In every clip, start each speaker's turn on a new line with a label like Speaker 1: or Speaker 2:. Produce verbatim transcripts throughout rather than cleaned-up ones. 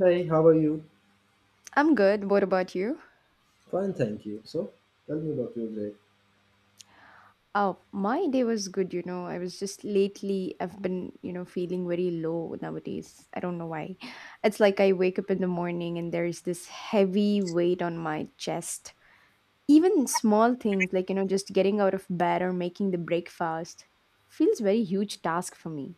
Speaker 1: Hey, how are you?
Speaker 2: I'm good. What about you?
Speaker 1: Fine, thank you. So, tell me about your day.
Speaker 2: Oh, my day was good, you know. I was just lately, I've been, you know, feeling very low nowadays. I don't know why. It's like I wake up in the morning and there's this heavy weight on my chest. Even small things like, you know, just getting out of bed or making the breakfast feels very huge task for me.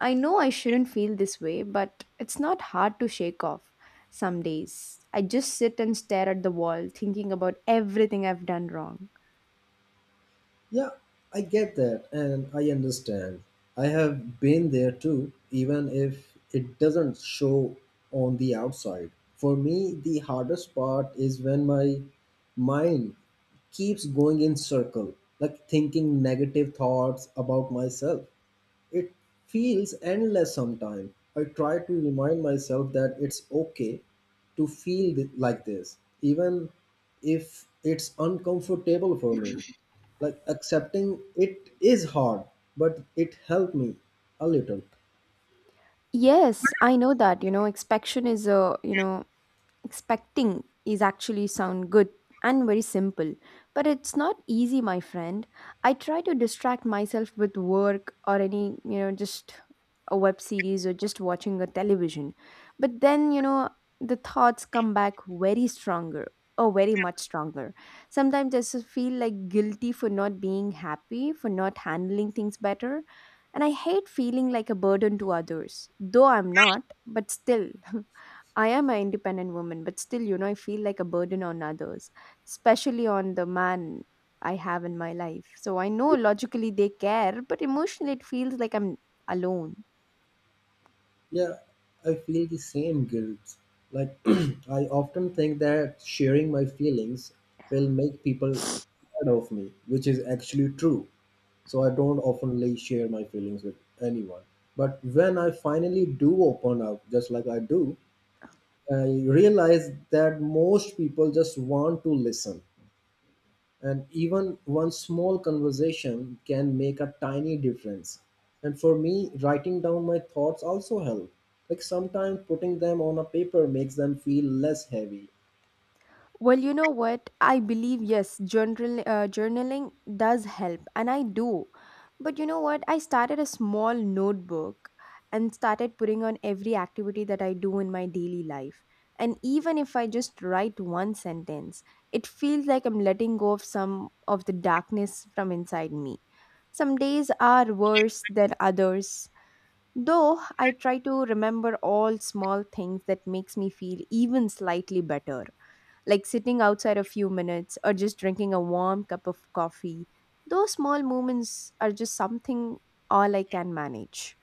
Speaker 2: I know I shouldn't feel this way, but it's not hard to shake off some days. I just sit and stare at the wall thinking about everything I've done wrong.
Speaker 1: Yeah, I get that and I understand. I have been there too, even if it doesn't show on the outside. For me, the hardest part is when my mind keeps going in circle, like thinking negative thoughts about myself. It feels endless sometimes. I try to remind myself that it's okay to feel th- like this, even if it's uncomfortable for me. Like accepting it is hard, but it helped me a little.
Speaker 2: Yes, I know that. You know, inspection is a, you know, expecting is actually sound good and very simple, but it's not easy, my friend. I try to distract myself with work or any you know just a web series or just watching a television. But then you know the thoughts come back very stronger, or very much stronger. Sometimes I just feel like guilty for not being happy, for not handling things better, and I hate feeling like a burden to others, though I'm not, but still. I am an independent woman, but still, you know, I feel like a burden on others, especially on the man I have in my life. So I know logically they care, but emotionally it feels like I'm alone.
Speaker 1: Yeah, I feel the same guilt. Like, I often think that sharing my feelings will make people tired of me, which is actually true. So I don't oftenly share my feelings with anyone. But when I finally do open up, just like I do, I realize that most people just want to listen. And even one small conversation can make a tiny difference. And for me, writing down my thoughts also help. Like sometimes putting them on a paper makes them feel less heavy.
Speaker 2: Well, you know what? I believe, yes, journal uh, journaling does help, and I do. But you know what? I started a small notebook and started putting on every activity that I do in my daily life. And even if I just write one sentence, it feels like I'm letting go of some of the darkness from inside me. Some days are worse than others. Though I try to remember all small things that makes me feel even slightly better, like sitting outside a few minutes or just drinking a warm cup of coffee. Those small moments are just something, all I can manage.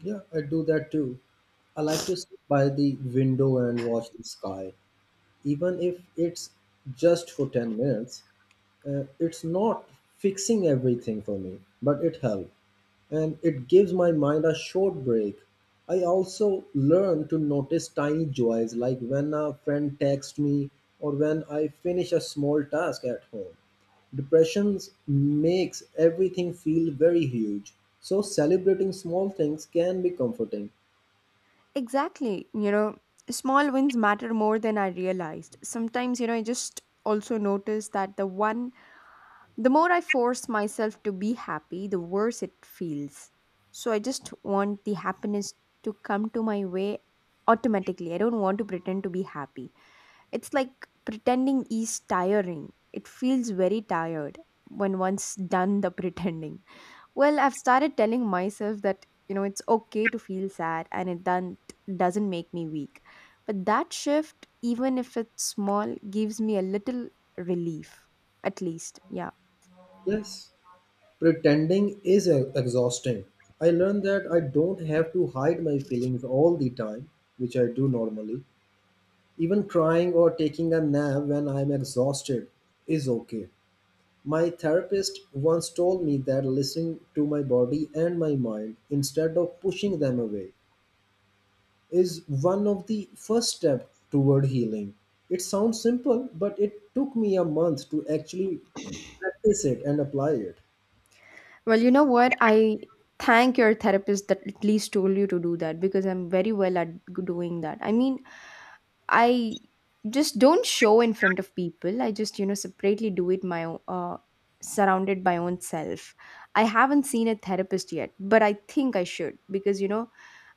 Speaker 1: Yeah, I do that too. I like to sit by the window and watch the sky, even if it's just for ten minutes. Uh, it's not fixing everything for me, but it helps. And it gives my mind a short break. I also learn to notice tiny joys like when a friend texts me or when I finish a small task at home. Depression makes everything feel very huge, so celebrating small things can be comforting.
Speaker 2: Exactly. You know, small wins matter more than I realized. Sometimes, you know, I just also notice that the one, the more I force myself to be happy, the worse it feels. So I just want the happiness to come to my way automatically. I don't want to pretend to be happy. It's like pretending is tiring. It feels very tired when one's done the pretending. Well, I've started telling myself that, you know, it's okay to feel sad, and it done, doesn't make me weak. But that shift, even if it's small, gives me a little relief, at least. Yeah.
Speaker 1: Yes, pretending is e- exhausting. I learned that I don't have to hide my feelings all the time, which I do normally. Even crying or taking a nap when I'm exhausted is okay. My therapist once told me that listening to my body and my mind instead of pushing them away is one of the first steps toward healing. It sounds simple, but it took me a month to actually practice it and apply it.
Speaker 2: Well, you know what? I thank your therapist that at least told you to do that because, I'm very well at g- doing that. I mean, I just don't show in front of people. I just, you know, separately do it my own, uh, surrounded by own self. I haven't seen a therapist yet, but I think I should because, you know,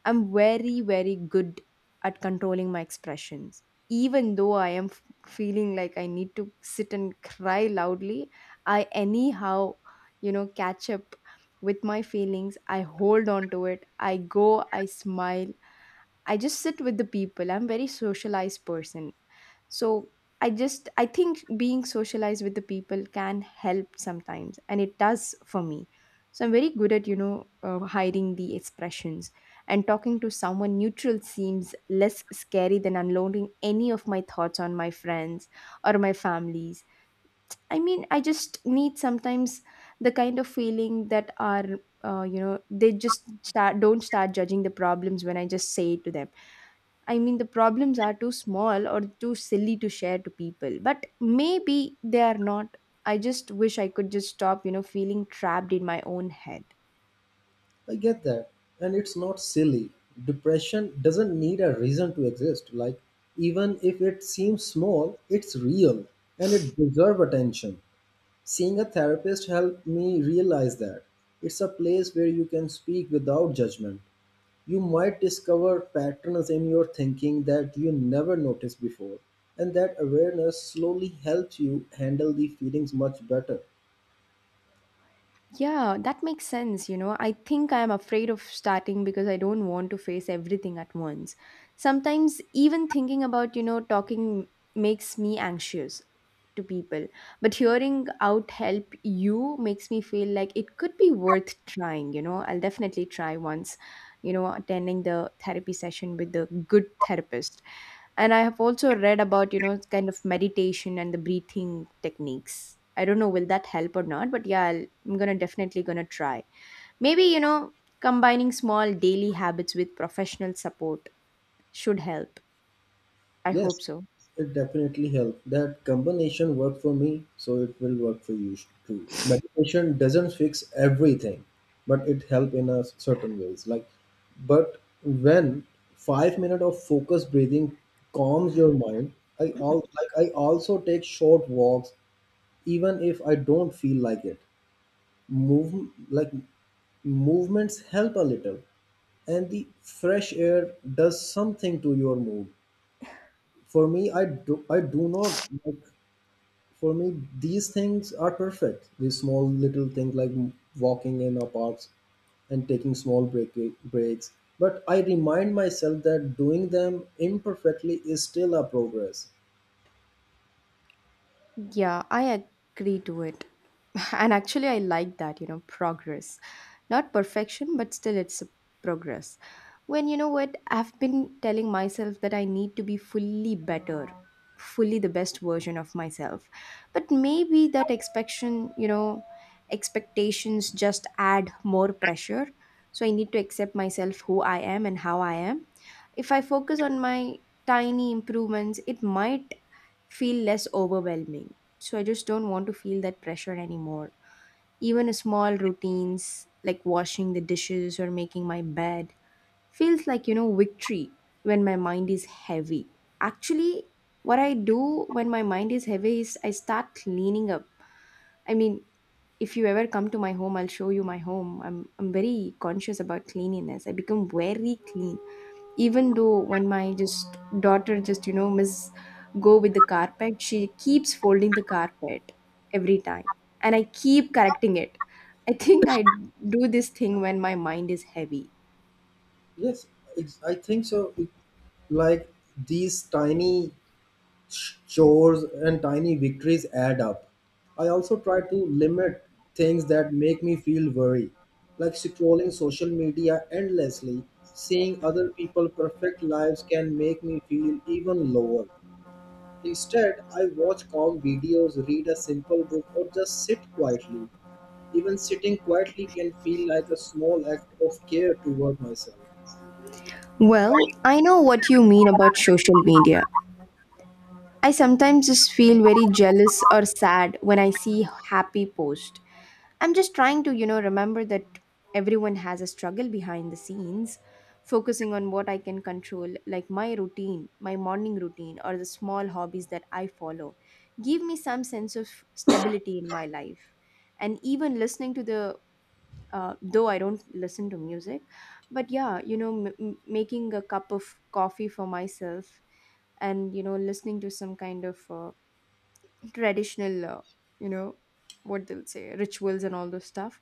Speaker 2: I'm very, very good at controlling my expressions. Even though I am f- feeling like I need to sit and cry loudly, I anyhow, you know catch up with my feelings. I hold on to it, I go, I smile, I just sit with the people. I'm a very socialized person, so I just, I think being socialized with the people can help sometimes, and it does for me. So I'm very good at, you know uh, hiding the expressions, and talking to someone neutral seems less scary than unloading any of my thoughts on my friends or my families. I mean, I just need sometimes the kind of feeling that are, uh, you know, they just start, don't start judging the problems when I just say it to them. I mean, the problems are too small or too silly to share to people, but maybe they are not. I just wish I could just stop, you know, feeling trapped in my own head.
Speaker 1: I get that. And it's not silly. Depression doesn't need a reason to exist. Like, even if it seems small, it's real and it deserves attention. Seeing a therapist helped me realize that it's a place where you can speak without judgment. You might discover patterns in your thinking that you never noticed before, and that awareness slowly helps you handle the feelings much better.
Speaker 2: Yeah, that makes sense. You know, I think I am afraid of starting because I don't want to face everything at once. Sometimes, even thinking about, you know, talking makes me anxious to people. But hearing out help you makes me feel like it could be worth trying. You know, I'll definitely try once, you know, attending the therapy session with the good therapist. And I have also read about, you know, kind of meditation and the breathing techniques. I don't know will that help or not, but yeah, I'll, I'm gonna definitely gonna try. Maybe, you know, combining small daily habits with professional support should help. I hope
Speaker 1: Yes,
Speaker 2: so.
Speaker 1: it definitely helps. That combination worked for me, so it will work for you too. Meditation doesn't fix everything, but it helps in a s- certain ways. Like, but when five minutes of focused breathing calms your mind, I al- like I also take short walks, even if I don't feel like it. Move like movements help a little, and the fresh air does something to your mood. For me, i do i do not like, for me these things are perfect, these small little things like walking in our parks and taking small break, breaks. But I remind myself that doing them imperfectly is still a progress.
Speaker 2: Yeah, I agree to it. And actually, I like that, you know, progress, not perfection, but still it's a progress. When, you know what, I've been telling myself that I need to be fully better, fully the best version of myself. But maybe that expectation, you know expectations just add more pressure. So I need to accept myself who I am and how I am. If I focus on my tiny improvements, it might feel less overwhelming. So I just don't want to feel that pressure anymore. Even small routines like washing the dishes or making my bed feels like, you know, victory when my mind is heavy. Actually, what I do when my mind is heavy is I start cleaning up. I mean, if you ever come to my home, I'll show you my home. I'm I'm very conscious about cleanliness. I become very clean, even though when my just daughter just, you know miss go with the carpet, she keeps folding the carpet every time, and I keep correcting it. I think I do this thing when my mind is heavy.
Speaker 1: Yes it's, i think so it, like these tiny chores and tiny victories add up. I also try to limit things that make me feel worry, like scrolling social media endlessly. Seeing other people' perfect lives can make me feel even lower. Instead, I watch calm videos, read a simple book, or just sit quietly. Even sitting quietly can feel like a small act of care toward myself.
Speaker 2: Well, I know what you mean about social media. I sometimes just feel very jealous or sad when I see happy post. I'm just trying to, you know, remember that everyone has a struggle behind the scenes, focusing on what I can control, like my routine, my morning routine, or the small hobbies that I follow, give me some sense of stability in my life. And even listening to the, uh, though I don't listen to music, but yeah, you know, m- m- making a cup of coffee for myself, and you know listening to some kind of, uh, traditional, uh, you know what they'll say, rituals and all those stuff,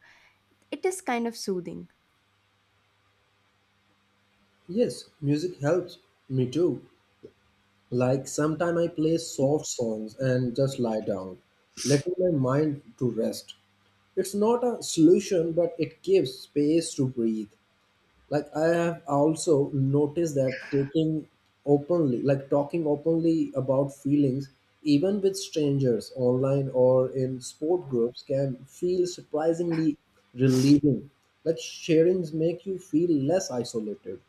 Speaker 2: it is kind of soothing.
Speaker 1: Yes, music helps me too. Like sometime I play soft songs and just lie down, letting my mind to rest. It's not a solution, but it gives space to breathe. Like I have also noticed that taking openly, like talking openly about feelings, even with strangers online or in sport groups, can feel surprisingly relieving. Like sharings make you feel less isolated.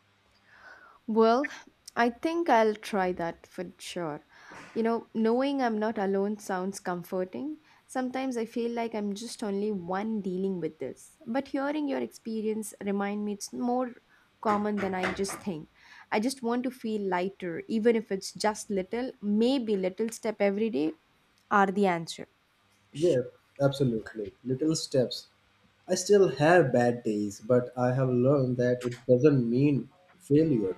Speaker 2: Well, I think I'll try that for sure. you know knowing I'm not alone sounds comforting. Sometimes I feel like I'm just only one dealing with this, but hearing your experience remind me it's more common than I just think. I just want to feel lighter, even if it's just little. Maybe little step every day are the answer.
Speaker 1: Yeah, absolutely. Little steps. I still have bad days, but I have learned that it doesn't mean failure.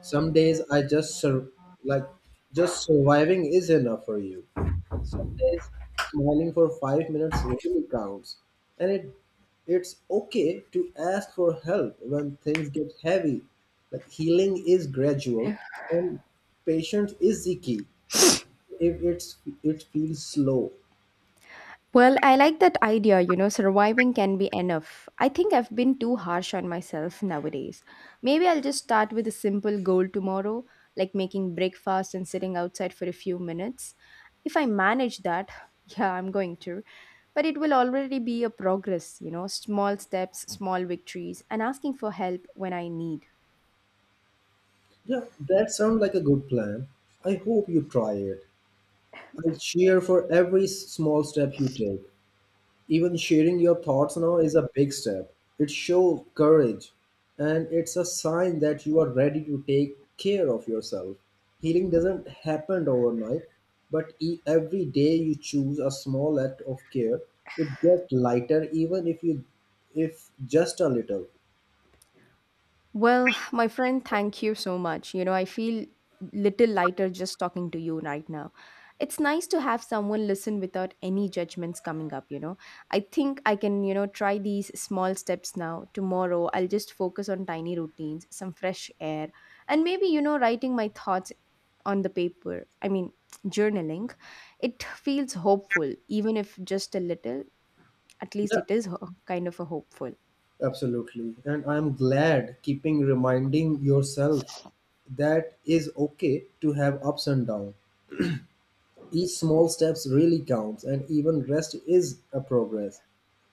Speaker 1: Some days I just sur- like just surviving is enough for you. And some days smiling for five minutes really counts. And it it's okay to ask for help when things get heavy. Like healing is gradual and patience is the key. If it's It feels slow.
Speaker 2: Well, I like that idea, you know, surviving can be enough. I think I've been too harsh on myself nowadays. Maybe I'll just start with a simple goal tomorrow, like making breakfast and sitting outside for a few minutes. If I manage that, yeah, I'm going to. But it will already be a progress, you know, small steps, small victories, and asking for help when I need.
Speaker 1: Yeah, that sounds like a good plan. I hope you try it. I'll cheer for every s- small step you take. Even sharing your thoughts now is a big step. It shows courage and it's a sign that you are ready to take care of yourself. Healing doesn't happen overnight, but e- every day you choose a small act of care, it gets lighter, even if you if just a little.
Speaker 2: Well, my friend, thank you so much. You know, I feel little lighter just talking to you right now. It's nice to have someone listen without any judgments coming up, you know. I think I can, you know, try these small steps now. Tomorrow, I'll just focus on tiny routines, some fresh air, and maybe, you know, writing my thoughts on the paper. I mean, journaling. It feels hopeful, even if just a little. At
Speaker 1: Yeah,
Speaker 2: least it is ho- kind of a hopeful.
Speaker 1: absolutely. And I'm glad keeping reminding yourself that is okay to have ups and downs. Each small steps really counts and even rest is a progress.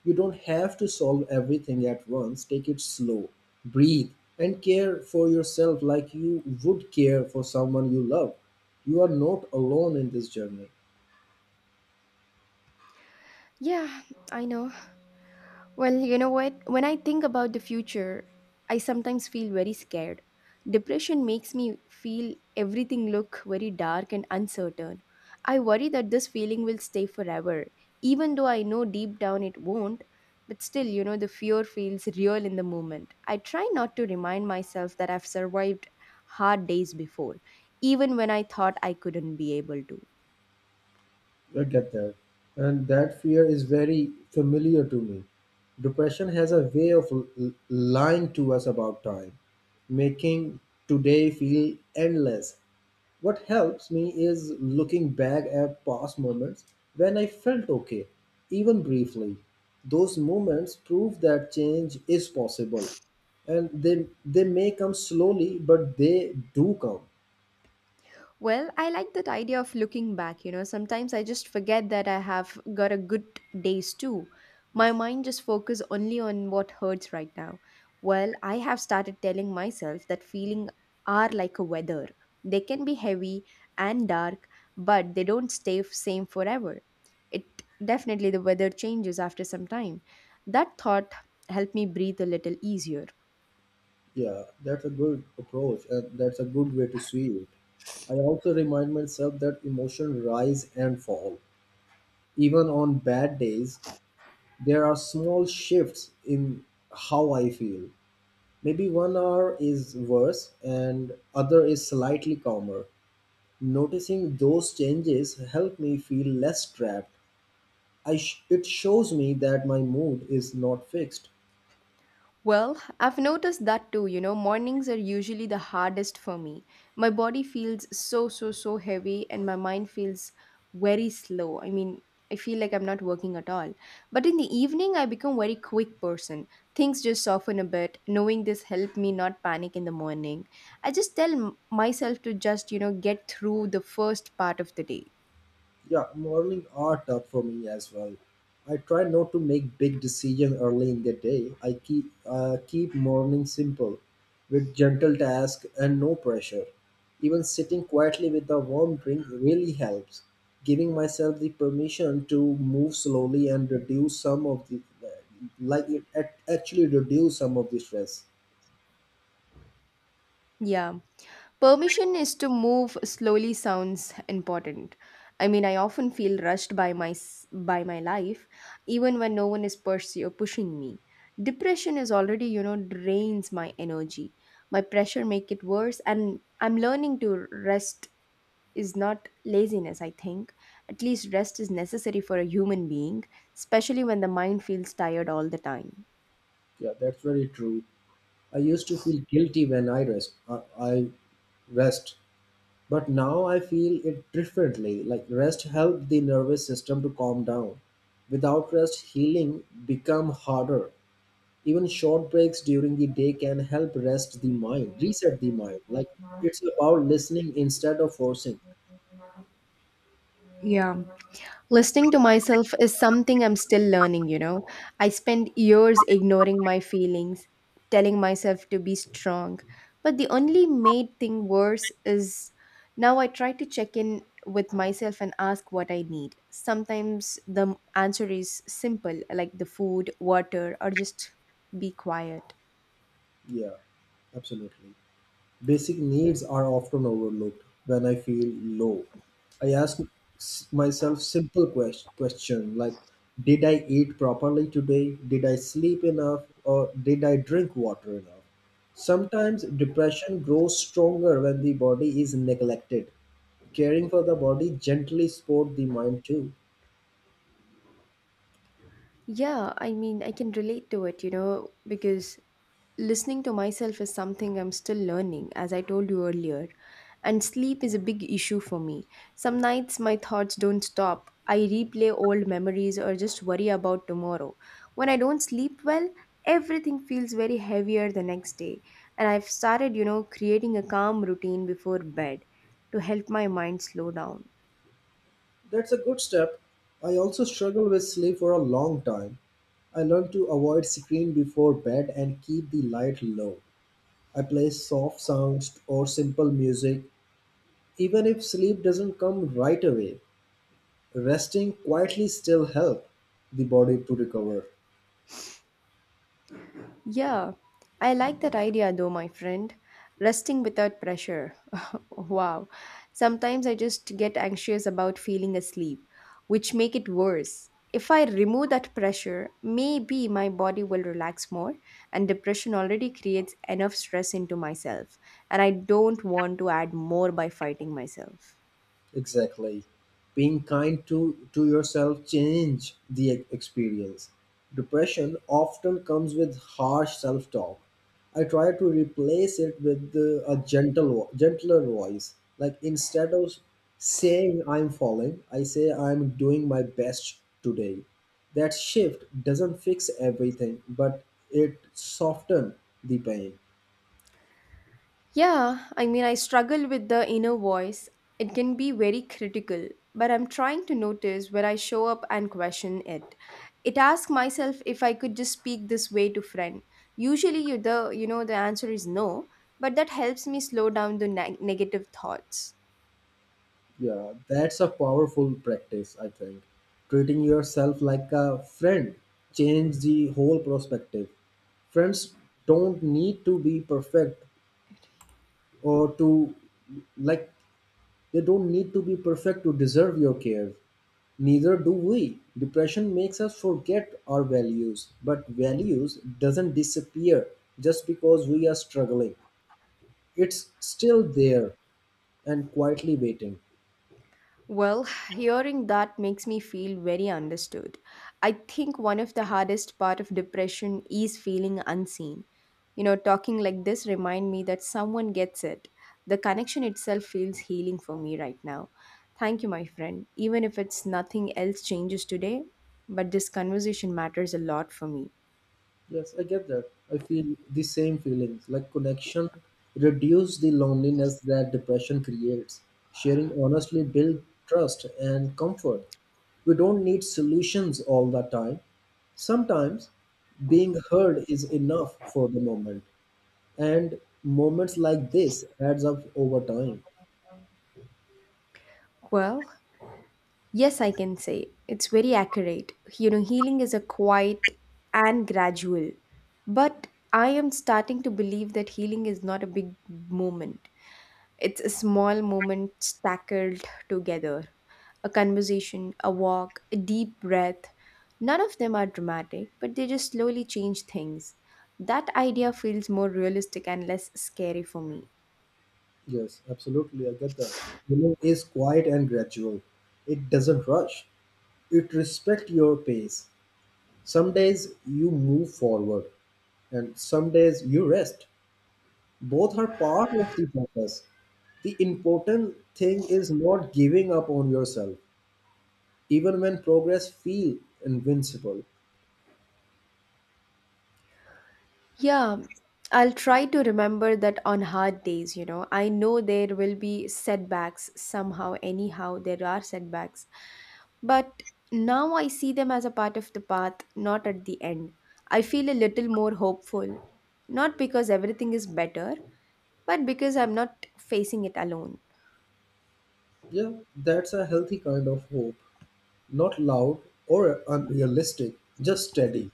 Speaker 1: You don't have to solve everything at once. Take it slow. Breathe and care for yourself like you would care for someone you love. You are not alone in this journey.
Speaker 2: Yeah, I know. Well, you know what? When I think about the future, I sometimes feel very scared. Depression makes me feel everything look very dark and uncertain. I worry that this feeling will stay forever, even though I know deep down it won't. But still, you know, the fear feels real in the moment. I try not to remind myself that I've survived hard days before, even when I thought I couldn't be able to.
Speaker 1: I get that. And that fear is very familiar to me. Depression has a way of l- l- lying to us about time, making today feel endless. What helps me is looking back at past moments when I felt okay, even briefly. Those moments prove that change is possible. And they, they may come slowly, but they do come.
Speaker 2: Well, I like that idea of looking back. You know, sometimes I just forget that I have got a good days too. My mind just focus only on what hurts right now. Well, I have started telling myself that feeling are like a weather. They can be heavy and dark, but they don't stay f- same forever. It definitely the weather changes after some time. That thought helped me breathe a little easier.
Speaker 1: Yeah, that's a good approach, and that's a good way to see it. I also remind myself that emotions rise and fall. Even on bad days, there are small shifts in how I feel. Maybe one hour is worse and other is slightly calmer. Noticing those changes help me feel less trapped. I sh- it shows me that my mood is not fixed.
Speaker 2: Well, I've noticed that too. You know, mornings are usually the hardest for me. My body feels so, so, so heavy, and my mind feels very slow. I mean, I feel like I'm not working at all. But in the evening, I become very quick person. Things just soften a bit. Knowing this helped me not panic in the morning. I just tell m- myself to just, you know, get through the first part of the day.
Speaker 1: Yeah, morning are tough for me as well. I try not to make big decisions early in the day. I keep uh, keep morning simple, with gentle tasks and no pressure. Even sitting quietly with a warm drink really helps. Giving myself the permission to move slowly and reduce some of the, like it act- actually reduce some of the stress.
Speaker 2: Yeah. Permission is to move slowly sounds important. I mean, I often feel rushed by my s- by my life even when no one is pursue, pushing me. Depression is already, you know, drains my energy. My pressure make it worse and I'm learning to rest is not laziness, I think. At least rest is necessary for a human being, especially when the mind feels tired all the time.
Speaker 1: Yeah, that's very true. I used to feel guilty when I rest. I, I rest but now I feel it differently. Like rest helped the nervous system to calm down. Without rest, healing become harder. Even short breaks during the day can help rest the mind reset the mind. Like it's about listening instead of forcing.
Speaker 2: Yeah, listening to myself is something I'm still learning, you know. I spent years ignoring my feelings, telling myself to be strong. But the only made thing worse is now I try to check in with myself and ask what I need. Sometimes the answer is simple, like the food, water, or just be quiet.
Speaker 1: Yeah, absolutely. Basic needs are often overlooked. When I feel low, I ask s- myself simple quest- question like, did I eat properly today? Did I sleep enough or did I drink water enough? Sometimes depression grows stronger when the body is neglected. Caring for the body gently support the mind too.
Speaker 2: Yeah, I mean, I can relate to it, you know, because listening to myself is something I'm still learning, as I told you earlier. And sleep is a big issue for me. Some nights my thoughts don't stop. I replay old memories or just worry about tomorrow. When I don't sleep well, everything feels very heavier the next day. And I've started, you know, creating a calm routine before bed to help my mind slow down.
Speaker 1: That's a good step. I also struggled with sleep for a long time. I learned to avoid screen before bed and keep the light low. I play soft sounds or simple music, even if sleep doesn't come right away. Resting quietly still helps the body to recover.
Speaker 2: Yeah, I like that idea though, my friend. Resting without pressure. Wow. Sometimes I just get anxious about feeling asleep, which make it worse. If I remove that pressure, maybe my body will relax more and depression already creates enough stress into myself and I don't want to add more by fighting myself.
Speaker 1: Exactly. Being kind to, to yourself change the e- experience. Depression often comes with harsh self-talk. I try to replace it with uh, a gentle, vo- gentler voice. Like instead of saying I'm falling, I say I'm doing my best today. That shift doesn't fix everything, but it softens the pain.
Speaker 2: Yeah, I mean, I struggle with the inner voice. It can be very critical, but I'm trying to notice where I show up and question it. It asks myself if I could just speak this way to friend. Usually, you the you know the answer is no, but that helps me slow down the neg- negative thoughts.
Speaker 1: Yeah, that's a powerful practice, I think. Treating yourself like a friend change the whole perspective. Friends don't need to be perfect or to like They don't need to be perfect to deserve your care. Neither do we. Depression makes us forget our values, but values doesn't disappear just because we are struggling. It's still there and quietly waiting.
Speaker 2: Well, hearing that makes me feel very understood. I think one of the hardest part of depression is feeling unseen. You know, talking like this remind me that someone gets it. The connection itself feels healing for me right now. Thank you, my friend. Even if it's nothing else changes today, but this conversation matters a lot for me.
Speaker 1: Yes, I get that. I feel the same feelings. Like connection reduce the loneliness that depression creates. Sharing honestly build trust and comfort. We don't need solutions all the time. Sometimes being heard is enough for the moment. And moments like this adds up over time.
Speaker 2: Well, yes, I can say. It's very accurate. You know, healing is a quiet and gradual. But I am starting to believe that healing is not a big moment. It's a small moment stackled together. A conversation, a walk, a deep breath. None of them are dramatic, but they just slowly change things. That idea feels more realistic and less scary for me.
Speaker 1: Yes, absolutely. I get that. Healing is quiet and gradual. It doesn't rush. It respects your pace. Some days you move forward and some days you rest. Both are part of the process. The important thing is not giving up on yourself, even when progress feels invincible.
Speaker 2: Yeah, I'll try to remember that on hard days, you know. I know there will be setbacks somehow, anyhow, there are setbacks. But now I see them as a part of the path, not at the end. I feel a little more hopeful, not because everything is better, but because I'm not facing it alone.
Speaker 1: Yeah, that's a healthy kind of hope, not loud or unrealistic, just steady.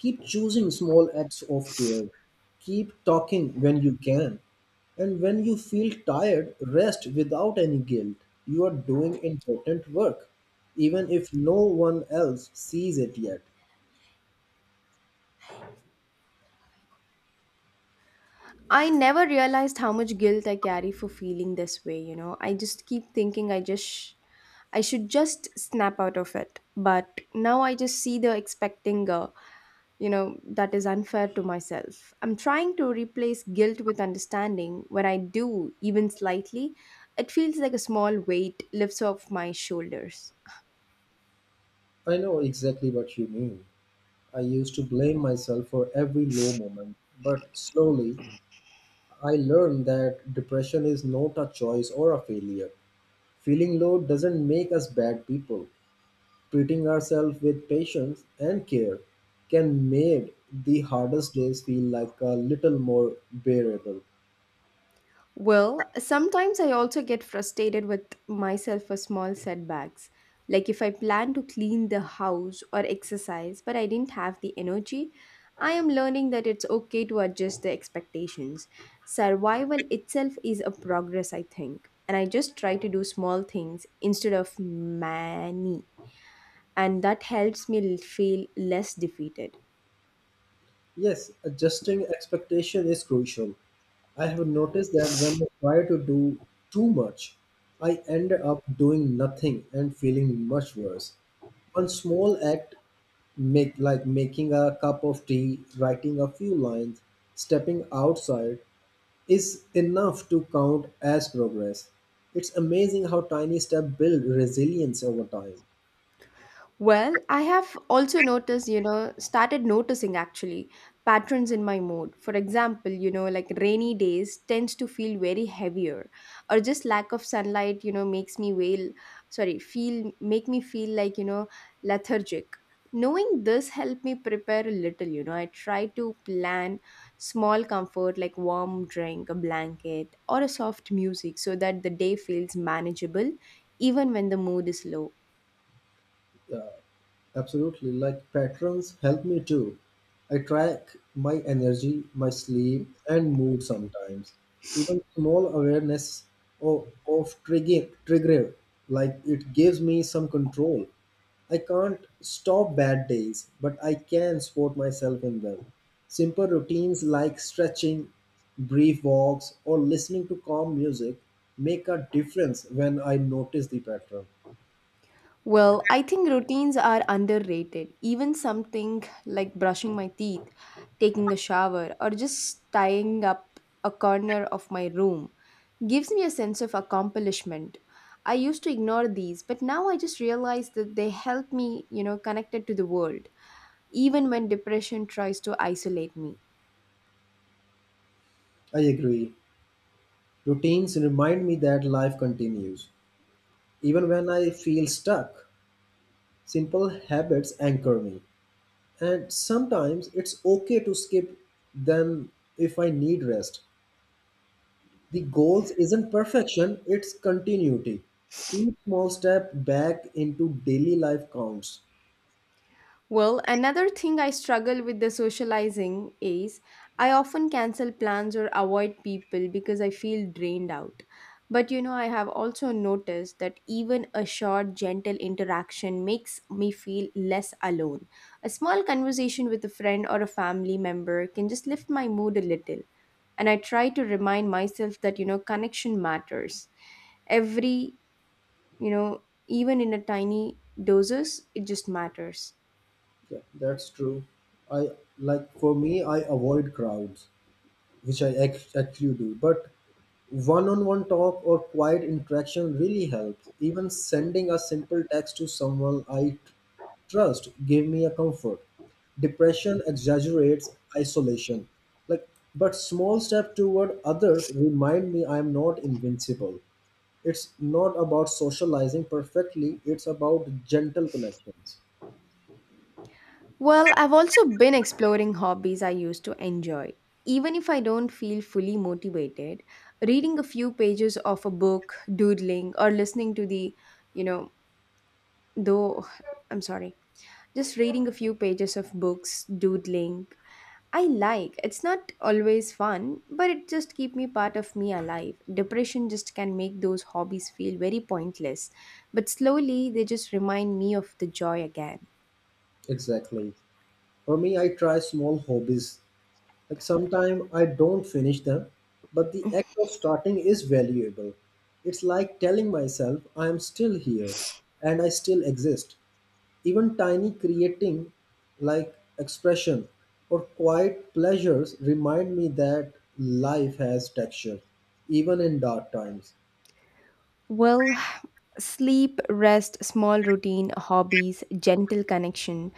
Speaker 1: Keep choosing small acts of care. Keep talking when you can. And when you feel tired, rest without any guilt. You are doing important work, even if no one else sees it yet.
Speaker 2: I never realized how much guilt I carry for feeling this way, you know. I just keep thinking I just sh- I should just snap out of it. But now I just see the expecting, uh, you know, that is unfair to myself. I'm trying to replace guilt with understanding. When I do, even slightly, it feels like a small weight lifts off my shoulders.
Speaker 1: I know exactly what you mean. I used to blame myself for every low moment, but slowly I learned that depression is not a choice or a failure. Feeling low doesn't make us bad people. Treating ourselves with patience and care can make the hardest days feel like a little more bearable.
Speaker 2: Well, sometimes I also get frustrated with myself for small setbacks. Like if I plan to clean the house or exercise, but I didn't have the energy, I am learning that it's okay to adjust the expectations. Survival itself is a progress, I think. And I just try to do small things instead of many. And that helps me l- feel less defeated.
Speaker 1: Yes, adjusting expectation is crucial. I have noticed that when I try to do too much, I end up doing nothing and feeling much worse. One small act make like making a cup of tea, writing a few lines, stepping outside is enough to count as progress. It's amazing how tiny steps build resilience over time.
Speaker 2: Well, I have also noticed, you know, started noticing actually patterns in my mood. For example, you know, like rainy days tends to feel very heavier, or just lack of sunlight, you know, makes me wail, sorry, feel make me feel like, you know, lethargic. Knowing this helped me prepare a little, you know. I try to plan small comfort like warm drink, a blanket, or a soft music so that the day feels manageable even when the mood is low.
Speaker 1: Yeah. Absolutely, like patterns help me too. I track my energy, my sleep, and mood sometimes. Even small awareness of, of trigger, trigger, like it gives me some control. I can't stop bad days, but I can support myself in them. Simple routines like stretching, brief walks, or listening to calm music make a difference when I notice the pattern.
Speaker 2: Well, I think routines are underrated. Even something like brushing my teeth, taking a shower, or just tying up a corner of my room gives me a sense of accomplishment. I used to ignore these, but now I just realize that they help me, you know, connected to the world, even when depression tries to isolate me.
Speaker 1: I agree. Routines remind me that life continues, even when I feel stuck. Simple habits anchor me, and sometimes it's okay to skip them if I need rest. The goals isn't perfection, it's continuity. Each small step back into daily life counts.
Speaker 2: Well, another thing I struggle with the socializing is I often cancel plans or avoid people because I feel drained out. But you know, I have also noticed that even a short, gentle interaction makes me feel less alone. A small conversation with a friend or a family member can just lift my mood a little. And I try to remind myself that, you know, connection matters. Every, you know, even in a tiny doses, it just matters.
Speaker 1: Yeah, that's true. I like for me, I avoid crowds, which I ac- actually do. But one-on-one talk or quiet interaction really helps. Even sending a simple text to someone I tr- trust gave me a comfort. Depression exaggerates isolation. Like, but small step toward others remind me I'm not invincible. It's not about socializing perfectly. It's about gentle connections.
Speaker 2: Well, I've also been exploring hobbies I used to enjoy. Even if I don't feel fully motivated, reading a few pages of a book, doodling, or listening to the, you know, though, I'm sorry, just reading a few pages of books, doodling, I like. It's not always fun, but it just keep me part of me alive. Depression just can make those hobbies feel very pointless, but slowly they just remind me of the joy again.
Speaker 1: Exactly. For me, I try small hobbies. Like sometimes I don't finish them, but the act of starting is valuable. It's like telling myself I am still here and I still exist. Even tiny creating like expression or quiet pleasures remind me that life has texture, even in dark times.
Speaker 2: Well, sleep, rest, small routine, hobbies, gentle connection.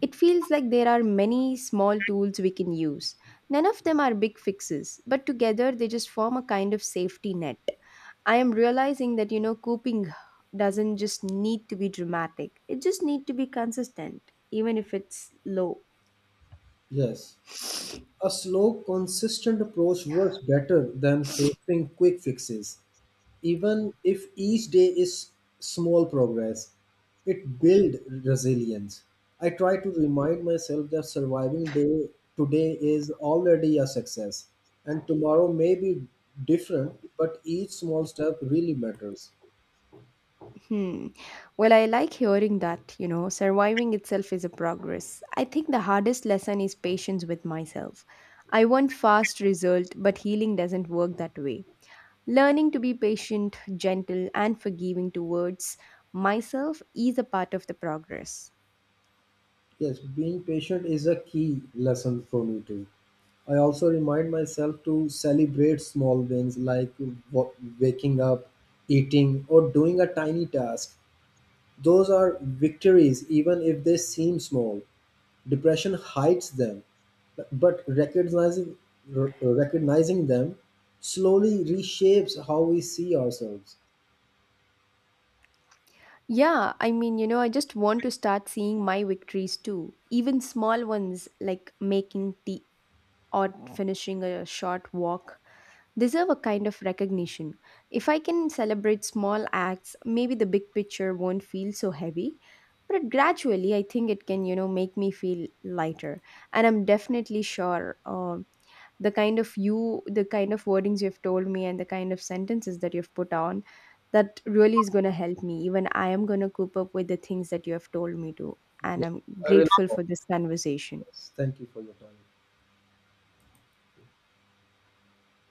Speaker 2: It feels like there are many small tools we can use. None of them are big fixes, but together they just form a kind of safety net. I am realizing that, you know, coping doesn't just need to be dramatic, it just need to be consistent, even if it's low.
Speaker 1: Yes. A slow, consistent approach works better than forcing quick fixes. Even if each day is small progress, it builds resilience. I try to remind myself that surviving day today is already a success, and tomorrow may be different, but each small step really matters.
Speaker 2: Hmm. Well, I like hearing that, you know, surviving itself is a progress. I think the hardest lesson is patience with myself. I want fast result, but healing doesn't work that way. Learning to be patient, gentle, and forgiving towards myself is a part of the progress.
Speaker 1: Yes, being patient is a key lesson for me too. I also remind myself to celebrate small wins like w- waking up, eating, or doing a tiny task. Those are victories even if they seem small. Depression hides them, but recognizing r- recognizing them slowly reshapes how we see ourselves.
Speaker 2: Yeah, I mean, you know, I just want to start seeing my victories too, even small ones like making tea or finishing a short walk deserve a kind of recognition. If I can celebrate small acts, maybe the big picture won't feel so heavy. But gradually, I think it can, you know, make me feel lighter. And I'm definitely sure uh, the kind of you, the kind of wordings you've told me, and the kind of sentences that you've put on, that really is going to help me. Even I am going to cope up with the things that you have told me to.
Speaker 1: Yeah,
Speaker 2: And I'm
Speaker 1: I really
Speaker 2: grateful
Speaker 1: love
Speaker 2: for this conversation.
Speaker 1: this. Thank you for your time.